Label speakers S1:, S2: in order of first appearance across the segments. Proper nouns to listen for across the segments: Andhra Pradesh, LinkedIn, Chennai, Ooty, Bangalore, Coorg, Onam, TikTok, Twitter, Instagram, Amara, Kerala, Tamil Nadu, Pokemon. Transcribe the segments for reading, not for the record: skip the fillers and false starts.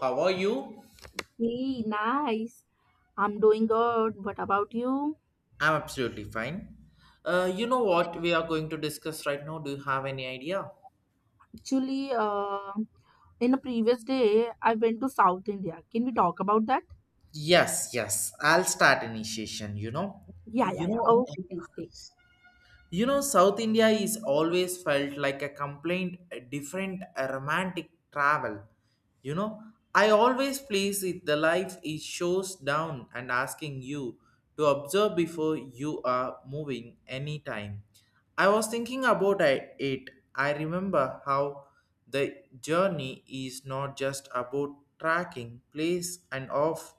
S1: How are you?
S2: Hey, nice. I'm doing good. What about you?
S1: I'm absolutely fine. You know what we are going to discuss right now? Do you have any idea?
S2: Actually, in a previous day, I went to South India. Can we talk about that?
S1: Yes, yes. I'll start initiation.
S2: Yeah, yeah,
S1: You
S2: yeah.
S1: know,
S2: Okay, please take.
S1: South India is always felt like a complaint, a different, a romantic travel. You know, I always please it the life it shows down and asking you to observe before you are moving any time. I was thinking about it. I remember how the journey is not just about tracking place and off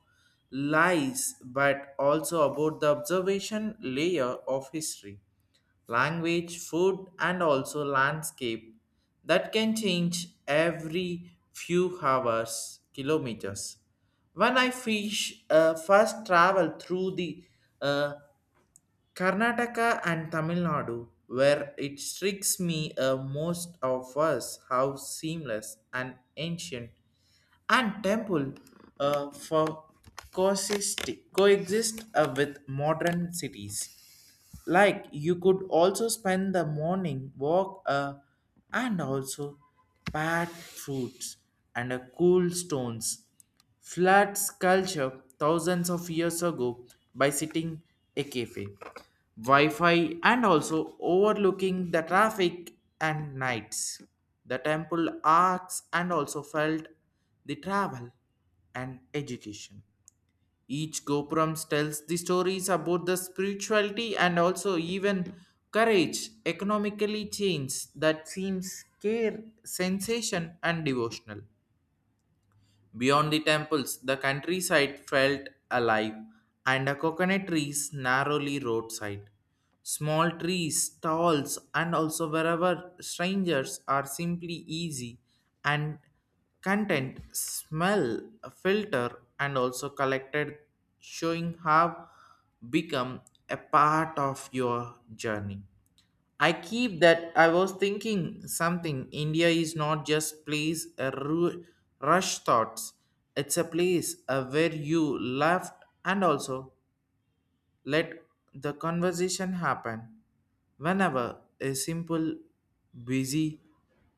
S1: lies, but also about the observation layer of history language, food, and also landscape that can change every few hours, kilometers. When I fish, first travel through the uh, Karnataka and Tamil Nadu, where it strikes me most of us how seamless and ancient and temple for coexist, coexist with modern cities. Like you could also spend the morning walk and also pat fruits and cool stones. Floods culture thousands of years ago by sitting a cafe. Wi-Fi and also overlooking the traffic and nights. The temple arcs and also felt the travel and education. Each Gopurams tells the stories about the spirituality and also even courage, economically change that seems care, sensation, and devotional. Beyond the temples, the countryside felt alive, and the coconut trees narrowly roadside. Small trees, stalls, and also wherever strangers are simply easy and content, smell, filter, and also collected, showing have become a part of your journey. I keep that I was thinking something. India is not just place a rush thoughts. It's a place where you laugh and also. Let the conversation happen. Whenever a simple, busy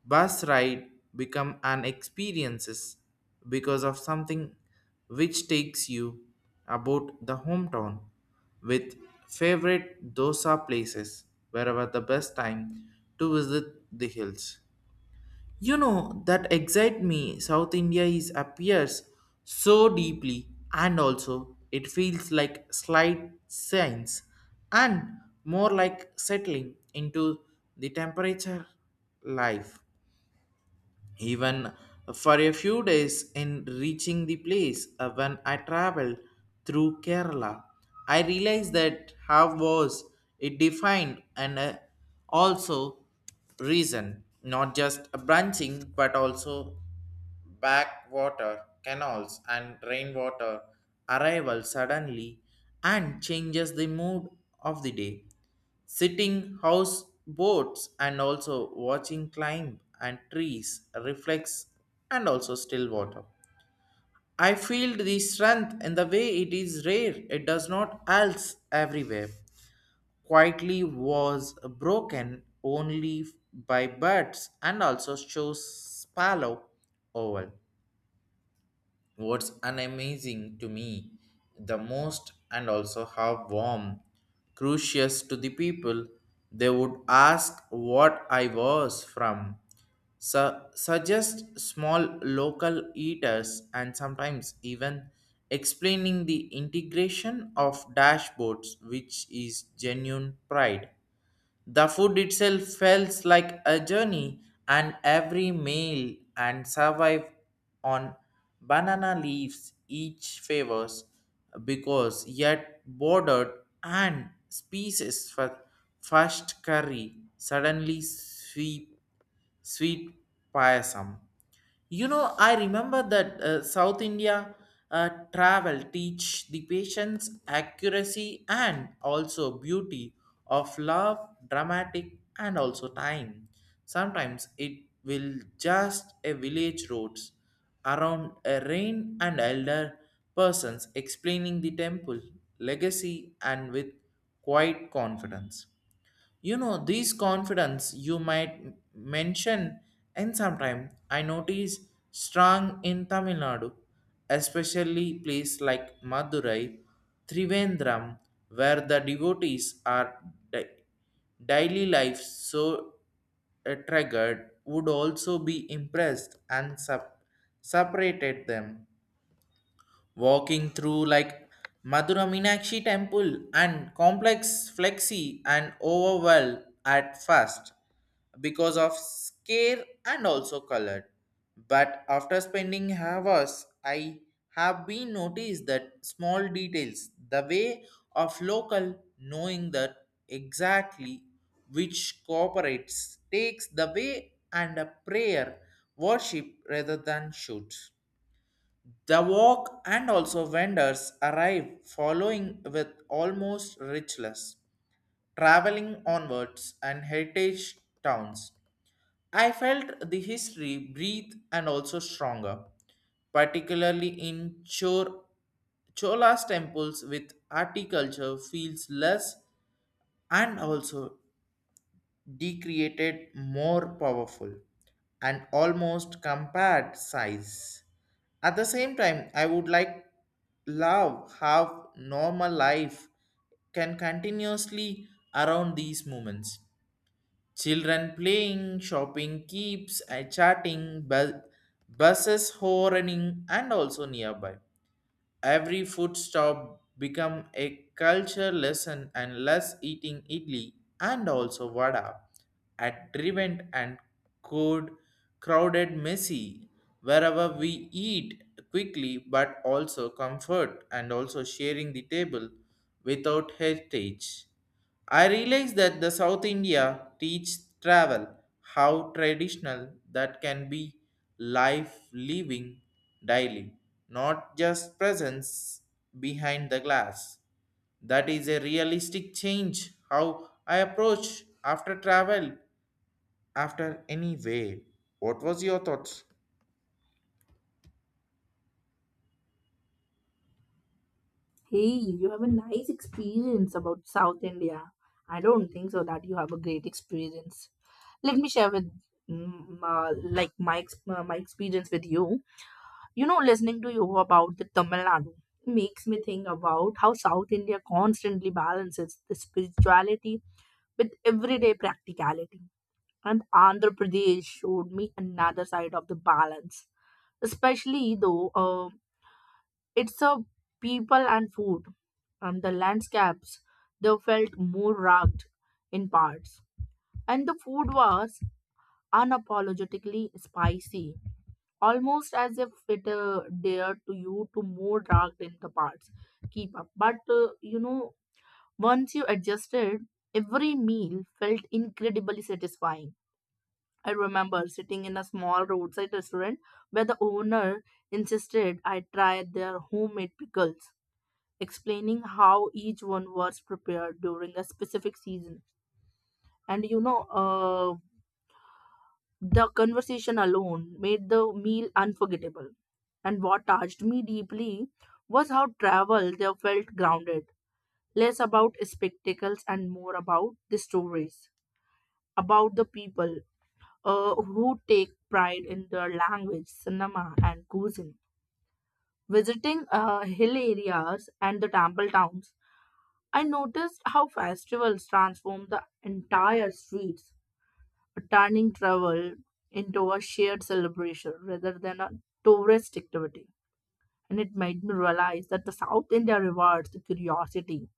S1: bus ride become an experiences because of something which takes you about the hometown with favorite dosa places wherever the best time to visit the hills. You know that excite me. South India is appears so deeply, and also it feels like slight science, and more like settling into the temperature life even for a few days in reaching the place when I traveled through Kerala. I realized that how was it defined and also reason, not just a branching but also backwater canals and rainwater arrival suddenly and changes the mood of the day. Sitting house boats and also watching climb and trees reflects and also still water. I feel the strength in the way it is rare, it does not else everywhere. Quietly was broken only by birds and also shows sparrow oval. What's amazing to me the most, and also how warm, curious to the people, they would ask what I was from, suggest small local eaters, and sometimes even explaining the integration of dashboards, which is genuine pride. The food itself felt like a journey, and every meal and survive on banana leaves each favors because yet bordered and species for first curry suddenly sweep sweet payasam. I remember that South India travel teach the patience, accuracy, and also beauty of love, dramatic, and also time. Sometimes it will just a village roads around a rain and elder persons explaining the temple legacy and with quiet confidence. These confidence you might mention and sometime I notice strong in Tamil Nadu, especially place like Madurai, Trivandrum, where the devotees are di- daily life so triggered would also be impressed and separated them walking through like Madura Meenakshi temple and complex flexi and overwhelmed at first because of scare and also colored. But after spending hours, I have been noticed that small details, the way of local knowing that exactly which cooperates takes the way and a prayer worship rather than shoots the walk and also vendors arrive following with almost richless, traveling onwards and heritage towns. I felt the history breathe and also stronger, particularly in Chola's temples with articulture feels less and also decreated more powerful and almost compared size. At the same time, I would like love how normal life can continuously around these moments. Children playing, shopping keeps, chatting, buses horning, and also nearby. Every food stop become a culture lesson and less eating idli and also vada at driven and cold, crowded, messy. Wherever we eat quickly but also comfort and also sharing the table without heritage. I realize that the South India teach travel how traditional that can be life living daily, not just presence behind the glass. That is a realistic change how I approach after travel after any way. What was your thoughts?
S2: Hey, you have a nice experience about South India. I don't think so that you have a great experience. Let me share with my experience with you. You know, listening to you about the Tamil Nadu makes me think about how South India constantly balances the spirituality with everyday practicality. And Andhra Pradesh showed me another side of the balance, especially though it's a people and food and the landscapes they felt more rugged in parts and the food was unapologetically spicy, almost as if it dared to you to more rugged in the parts keep up. But you know, once you adjusted, every meal felt incredibly satisfying. I remember sitting in a small roadside restaurant where the owner insisted I try their homemade pickles, explaining how each one was prepared during a specific season. And the conversation alone made the meal unforgettable. And what touched me deeply was how travel there felt grounded, less about spectacles and more about the stories, about the people who take pride in their language, cinema, and cuisine. Visiting hill areas and the temple towns, I noticed how festivals transform the entire streets, turning travel into a shared celebration rather than a tourist activity. And it made me realize that the South India rewards the curiosity.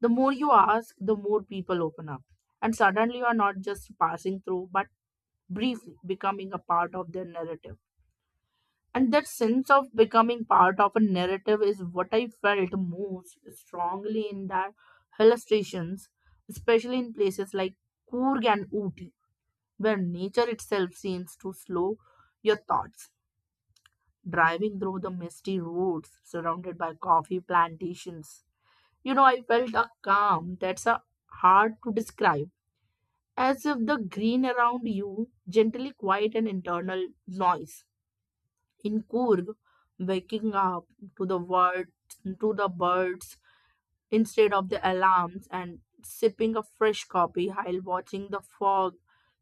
S2: The more you ask, the more people open up. And suddenly you are not just passing through, but briefly becoming a part of their narrative. And that sense of becoming part of a narrative is what I felt most strongly in their hill stations, especially in places like Coorg and Ooty, where nature itself seems to slow your thoughts. Driving through the misty roads surrounded by coffee plantations, you know, I felt a calm that's hard to describe, as if the green around you gently quiet an internal noise. In Kurg, waking up to the words, to the birds instead of the alarms, and sipping a fresh coffee while watching the fog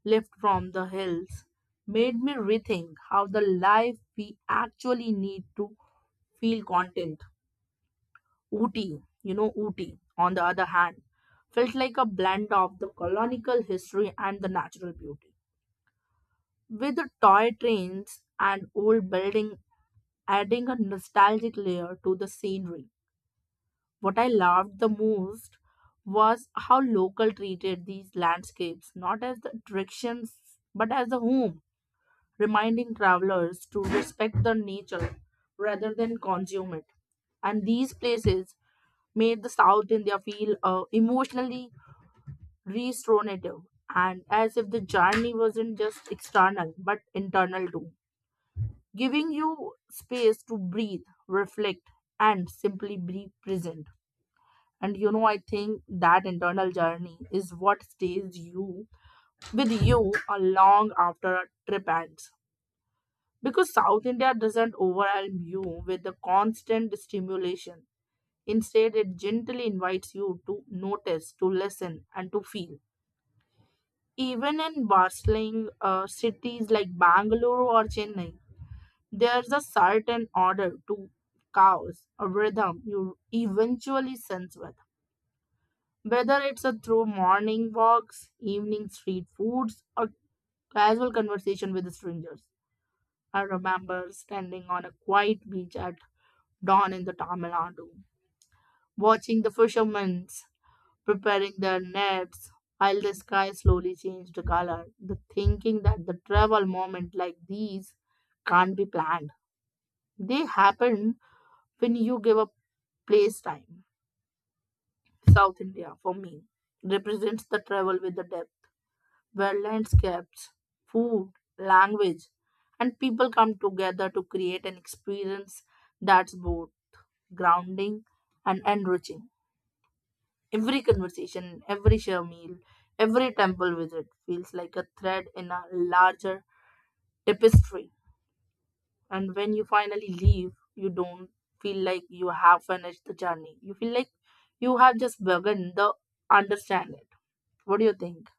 S2: lift from the hills, made me rethink how the life we actually need to feel content. Ooty, you know, Ooty, on the other hand, felt like a blend of the colonial history and the natural beauty, with the toy trains and old building adding a nostalgic layer to the scenery. What I loved the most was how local treated these landscapes not as the attractions but as the home, reminding travelers to respect the nature rather than consume it. And these places made the South India feel emotionally restorative, and as if the journey wasn't just external but internal too, giving you space to breathe, reflect, and simply be present. And you know, I think that internal journey is what stays you with you a long after a trip ends, because South India doesn't overwhelm you with the constant stimulation. Instead, it gently invites you to notice, to listen, and to feel. Even in bustling cities like Bangalore or Chennai, there's a certain order to chaos, a rhythm you eventually sense with, whether it's a through morning walks, evening street foods, or casual conversation with strangers. I remember standing on a quiet beach at dawn in the Tamil Nadu, watching the fishermen preparing their nets while the sky slowly changed color. The thinking that the travel moments like these can't be planned. They happen when you give up place time. South India, for me, represents the travel with the depth where landscapes, food, language, and people come together to create an experience that's both grounding and enriching. Every conversation, every share meal, every temple visit feels like a thread in a larger tapestry. And when you finally leave, you don't feel like you have finished the journey. You feel like you have just begun the understand it. What do you think?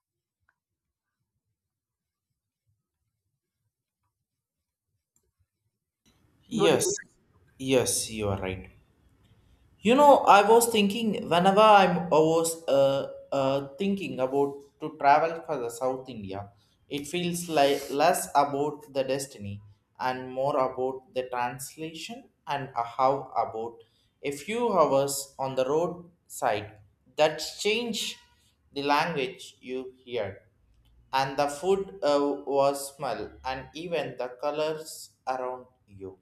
S2: What do you
S1: Yes, yes, you are right. I was thinking whenever I was thinking about to travel for the South India, it feels like less about the destiny and more about the translation and a how about a few hours on the roadside that change the language you hear and the food was smell and even the colors around you.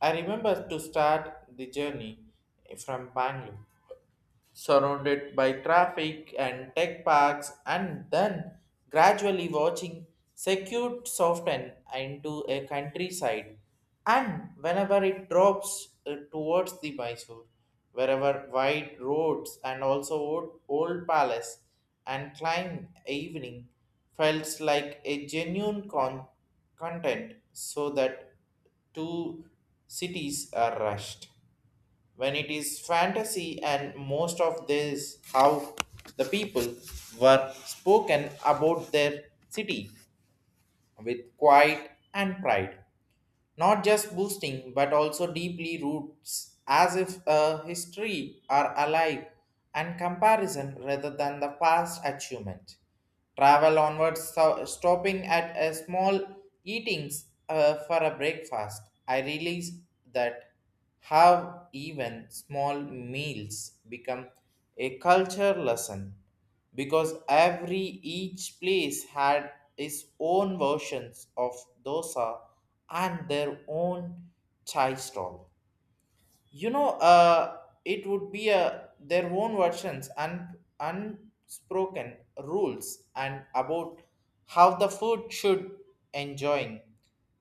S1: I remember to start the journey from Bangalore surrounded by traffic and tech parks, and then gradually watching secure soften into a countryside. And whenever it drops towards the Mysore, wherever wide roads and also old palace and climb evening felt like a genuine content so that two cities are rushed when it is fantasy and most of this how the people were spoken about their city with quiet and pride, not just boosting but also deeply roots as if a history are alive and comparison rather than the past achievement travel onwards stopping at a small eatings for a breakfast. I realize that how even small meals become a culture lesson because every each place had its own versions of dosa and their own chai stall. you know uh, it would be their own versions and unspoken rules and about how the food should enjoying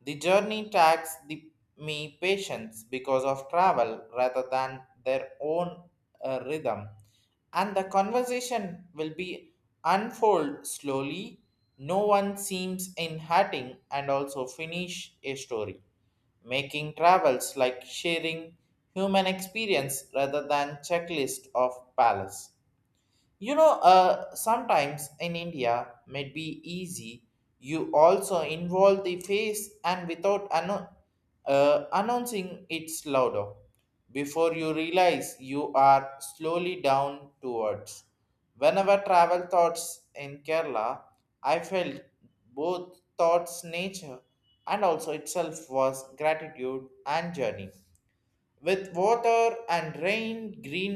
S1: the journey tax the me patience because of travel rather than their own rhythm and the conversation will be unfold slowly. No one seems in hurting and also finish a story, making travels like sharing human experience rather than checklist of palace. Sometimes in India, may be easy. You also involve the face and without announcing it's louder. Before you realize, you are slowly down towards. Whenever travel thoughts in Kerala, I felt both thoughts, nature, and also itself was gratitude and journey with water and rain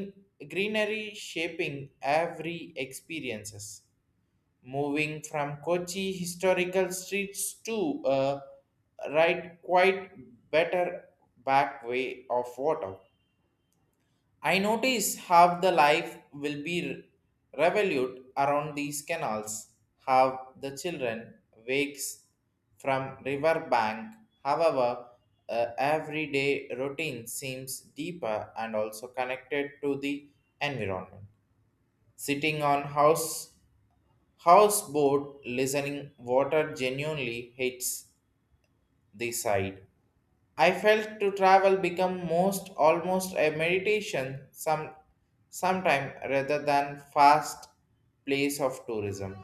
S1: greenery shaping every experiences moving from Kochi historical streets to a right quite better back way of water. I notice how the life will be revolute around these canals, how the children wakes from river bank. However, everyday routine seems deeper and also connected to the environment. Sitting on houseboat, listening water genuinely hits the side. I felt to travel become most almost a meditation sometime rather than fast place of tourism.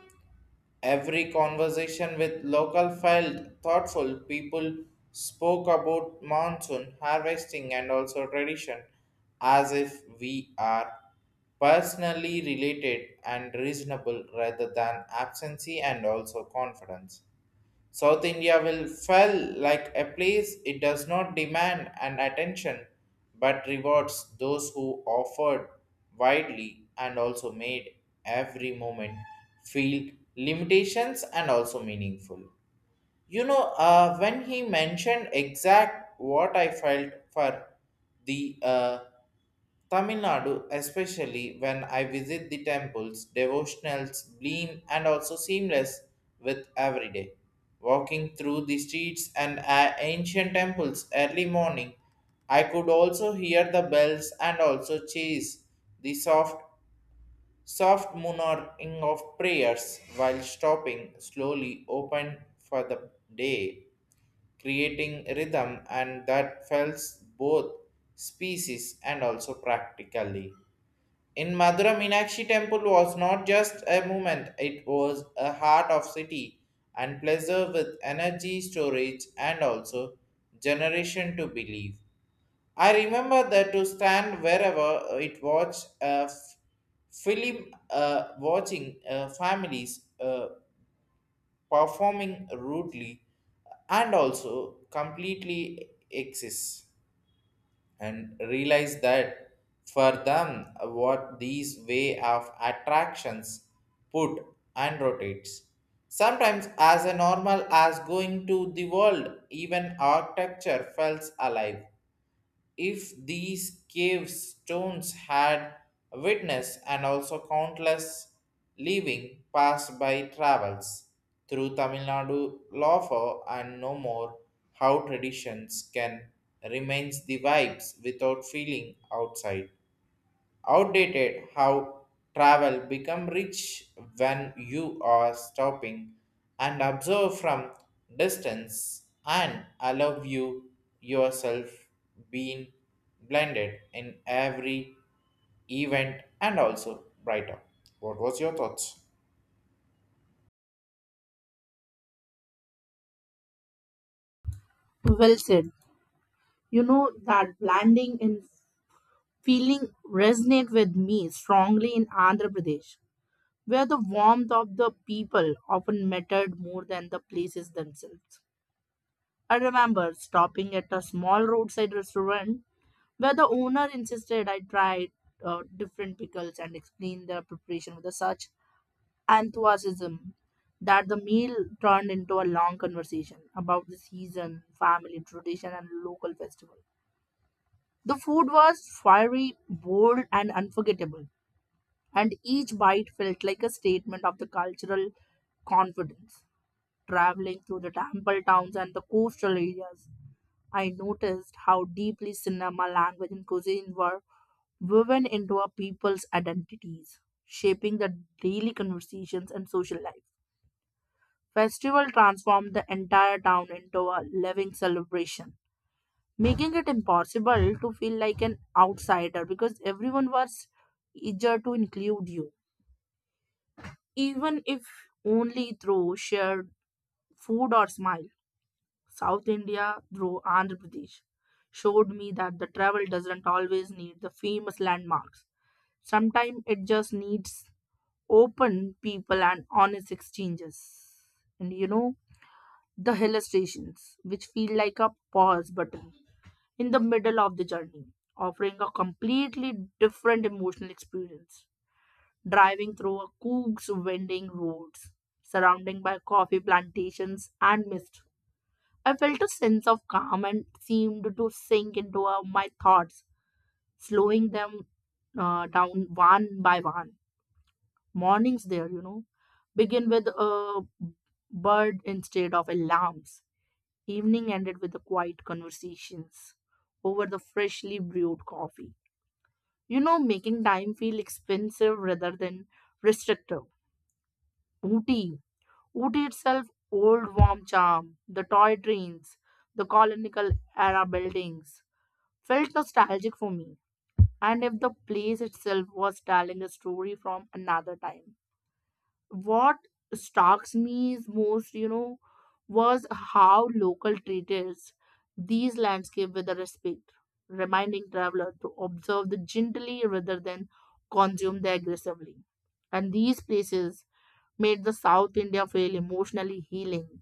S1: Every conversation with local felt thoughtful people spoke about monsoon harvesting and also tradition as if we are personally related and reasonable rather than absency and also confidence. South India will fell like a place it does not demand an attention but rewards those who offered widely and also made every moment feel limitations and also meaningful. When he mentioned exact what I felt for the Tamil Nadu, especially when I visit the temples, devotionals blend and also seamless with every day. Walking through the streets and ancient temples early morning, I could also hear the bells and also chase the soft murmuring of prayers while stopping slowly open for the day, creating rhythm and that felt both species and also practically. In Madurai, Meenakshi temple was not just a movement, it was a heart of city and pleasure with energy storage and also generation to believe. I remember that to stand wherever it watched a film watching families performing rudely and also completely exists and realize that for them what these way of attractions put and rotates sometimes as a normal as going to the world, even architecture felt alive if these cave stones had witnessed and also countless living passed by travels through Tamil Nadu lawful and no more how traditions can remains the vibes without feeling outside outdated how travel become rich when you are stopping and observe from distance and allow you yourself being blended in every event and also brighter. What was your thoughts?
S2: think? Well said. You know, that blending and feeling resonate with me strongly in Andhra Pradesh, where the warmth of the people often mattered more than the places themselves. I remember stopping at a small roadside restaurant where the owner insisted I try different pickles and explain their preparation with such enthusiasm that the meal turned into a long conversation about the season, family tradition, and local festival. The food was fiery, bold, and unforgettable, and each bite felt like a statement of the cultural confidence. Traveling through the temple towns and the coastal areas, I noticed how deeply cinema, language, and cuisine were woven into our people's identities, shaping the daily conversations and social life. Festival transformed the entire town into a living celebration, making it impossible to feel like an outsider because everyone was eager to include you, even if only through shared food or smile. South India, through Andhra Pradesh, showed me that the travel doesn't always need the famous landmarks. Sometimes it just needs open people and honest exchanges. And you know, the hill stations, which feel like a pause button in the middle of the journey, offering a completely different emotional experience. Driving through a Cook's winding roads, surrounding by coffee plantations and mist, I felt a sense of calm and seemed to sink into my thoughts, slowing them down one by one. Mornings there, you know, begin with a bird instead of alarms. Evening ended with the quiet conversations over the freshly brewed coffee, you know, making time feel expensive rather than restrictive. Ooty. Ooty itself, old warm charm, the toy trains, the colonial era buildings felt nostalgic for me. And if the place itself was telling a story from another time, what strikes me is most, you know, was how local treated these landscapes with a respect, reminding traveler to observe them gently rather than consume them aggressively. And these places made the South India feel emotionally healing.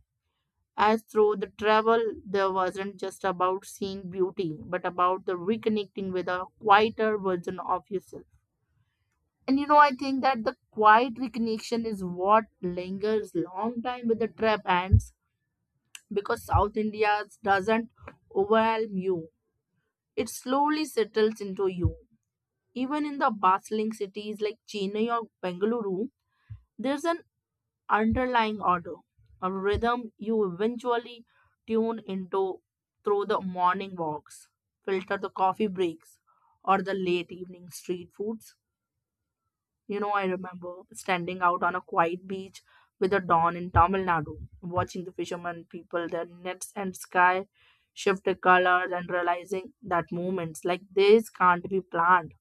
S2: As through the travel, there wasn't just about seeing beauty, but about the reconnecting with a quieter version of yourself. And you know, I think that the quiet recognition is what lingers long time with the trap ants, because South India doesn't overwhelm you. It slowly settles into you. Even in the bustling cities like Chennai or Bengaluru, there's an underlying order, a rhythm you eventually tune into through the morning walks, filter the coffee breaks, or the late evening street foods. You know, I remember standing out on a quiet beach with the dawn in Tamil Nadu, watching the fishermen people their nets and sky shift the colors and realizing that moments like this can't be planned.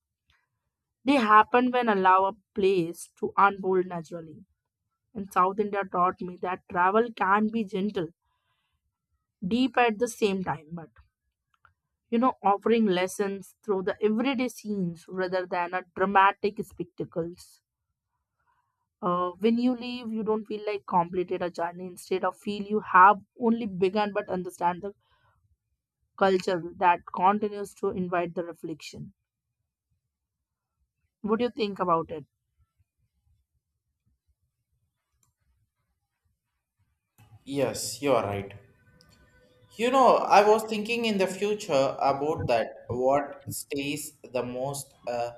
S2: They happen when allow a place to unfold naturally. And South India taught me that travel can be gentle, deep at the same time, but you know, offering lessons through the everyday scenes rather than a dramatic spectacles. When you leave, you don't feel like completed a journey. Instead of feel you have only begun but understand the culture that continues to invite the reflection. What do you think about it?
S1: Yes, you are right. I was thinking in the future about that what stays the most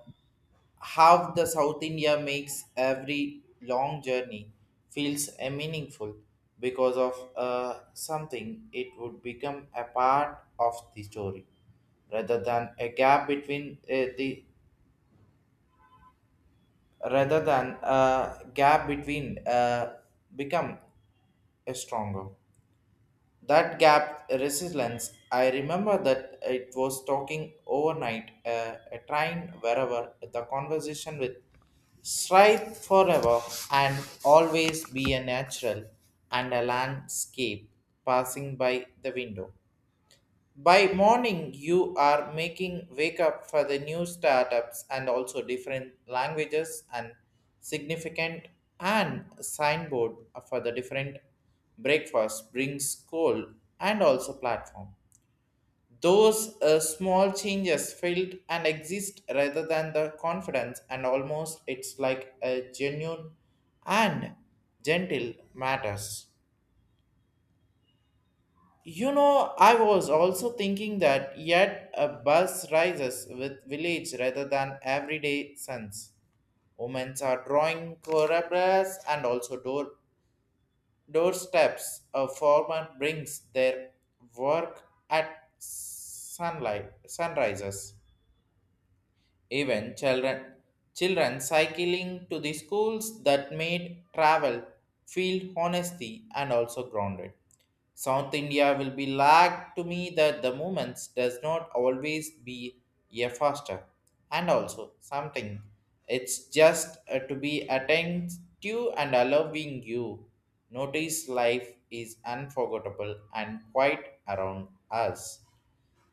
S1: half the South India makes every long journey feels a meaningful because of something it would become a part of the story rather than a gap between uh, the rather than a gap between become a stronger. That gap resilience, I remember that it was talking overnight, a train wherever, the conversation with strive forever and always be a natural and a landscape passing by the window. By morning, you are making wake up for the new startups and also different languages and significant and signboard for the different breakfast brings school and also platform. Those small changes felt and exist rather than the confidence and almost it's like a genuine and gentle matters. You know, I was also thinking that yet a bus rises with village rather than everyday sons. Women are drawing corridors and also doorsteps. A farmer brings their work at sunlight sunrises. Even children cycling to the schools that made travel feel honesty and also grounded. South India will be lagged to me that the movements does not always be a faster and also something. It's just to be attentive and allowing you. Notice life is unforgettable and quite around us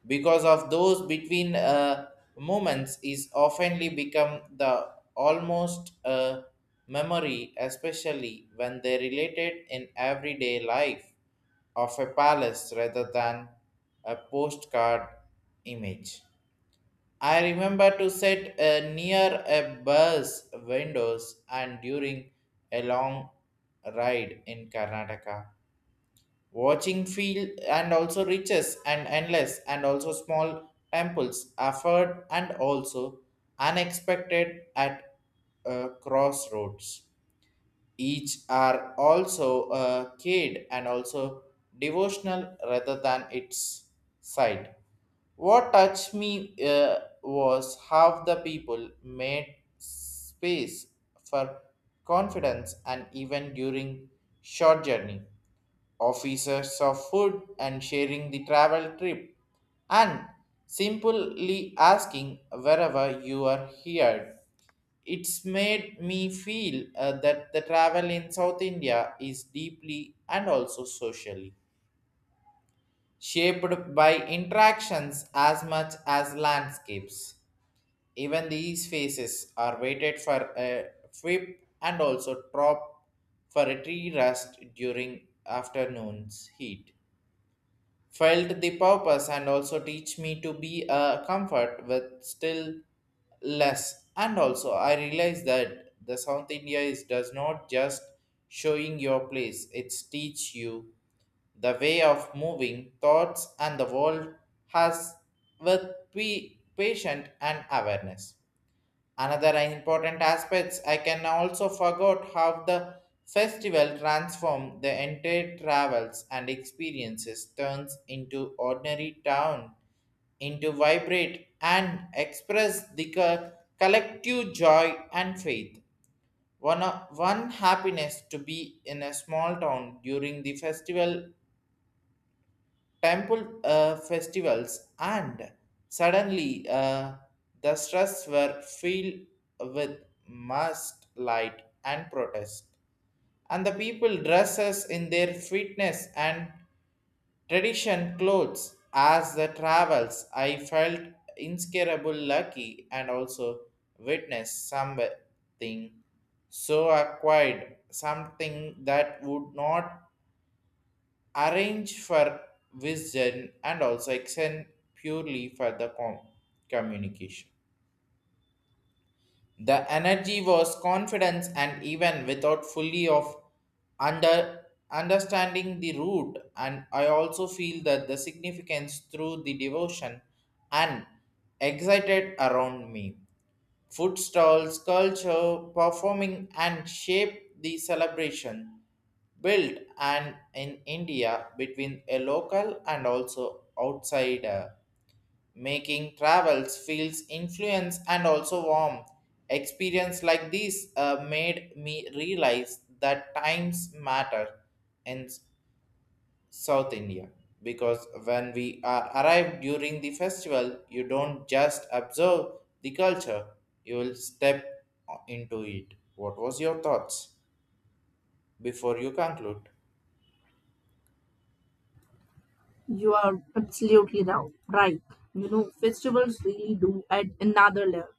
S1: because of those between moments is oftenly become the almost a memory, especially when they related in everyday life of a palace rather than a postcard image. I remember to sit near a bus windows and during a long ride in Karnataka, watching field and also riches and endless and also small temples offered and also unexpected at crossroads, each are also a kid and also devotional rather than its side. What touched me was how the people made space for confidence and even during short journey officers of food and sharing the travel trip and simply asking wherever you are here. It's made me feel that the travel in South India is deeply and also socially shaped by interactions as much as landscapes. Even these faces are waited for a whip and also drop for a tree rest during afternoon's heat felt the purpose and also teach me to be a comfort with still less. And also I realized that the South India is does not just showing your place, it's teach you the way of moving thoughts and the world has with be patient and awareness. Another important aspects I can also forgot how the festival transformed the entire travels and experiences turns into ordinary town into vibrate and express the collective joy and faith. One happiness to be in a small town during the festival temple festivals, and suddenly the streets were filled with must light and protest. And the people dresses in their fitness and tradition clothes as the travels. I felt inscarable lucky and also witnessed something so acquired, something that would not arrange for wisdom and also extend purely for the communication. The energy was confidence and even without fully of under understanding the root, and I also feel that the significance through the devotion and excited around me. Food stalls, culture, performing, and shape the celebration. Built and in India between a local and also outsider, making travels feels influence and also warm. Experience like this made me realize that times matter, and South India, because when we are arrived during the festival, you don't just observe the culture, you will step into it. What was your thoughts before you conclude?
S2: You are absolutely now right. You know, festivals really do at another level.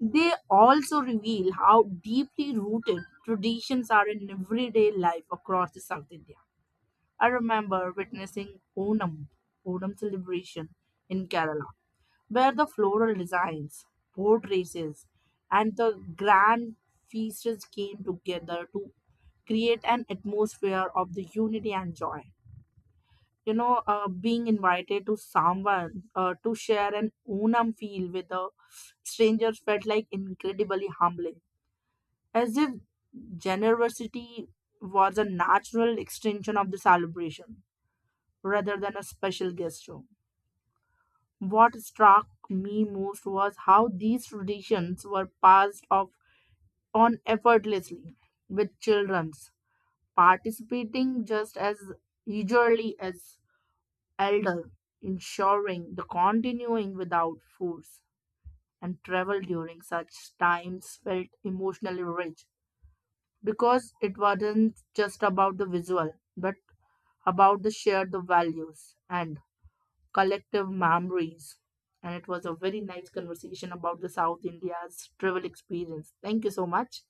S2: They also reveal how deeply rooted traditions are in everyday life across the South India. I remember witnessing Onam celebration in Kerala, where the floral designs, boat races, and the grand feasts came together to create an atmosphere of the unity and joy. You know, being invited to someone to share an Unam feel with the strangers felt like incredibly humbling, as if generosity was a natural extension of the celebration rather than a special gesture. What struck me most was how these traditions were passed off on effortlessly, with children's participating just as eagerly as elder, ensuring the continuing without force. And travel during such times felt emotionally rich because it wasn't just about the visual, but about the shared values and collective memories. And it was a very nice conversation about the South India's travel experience. Thank you so much.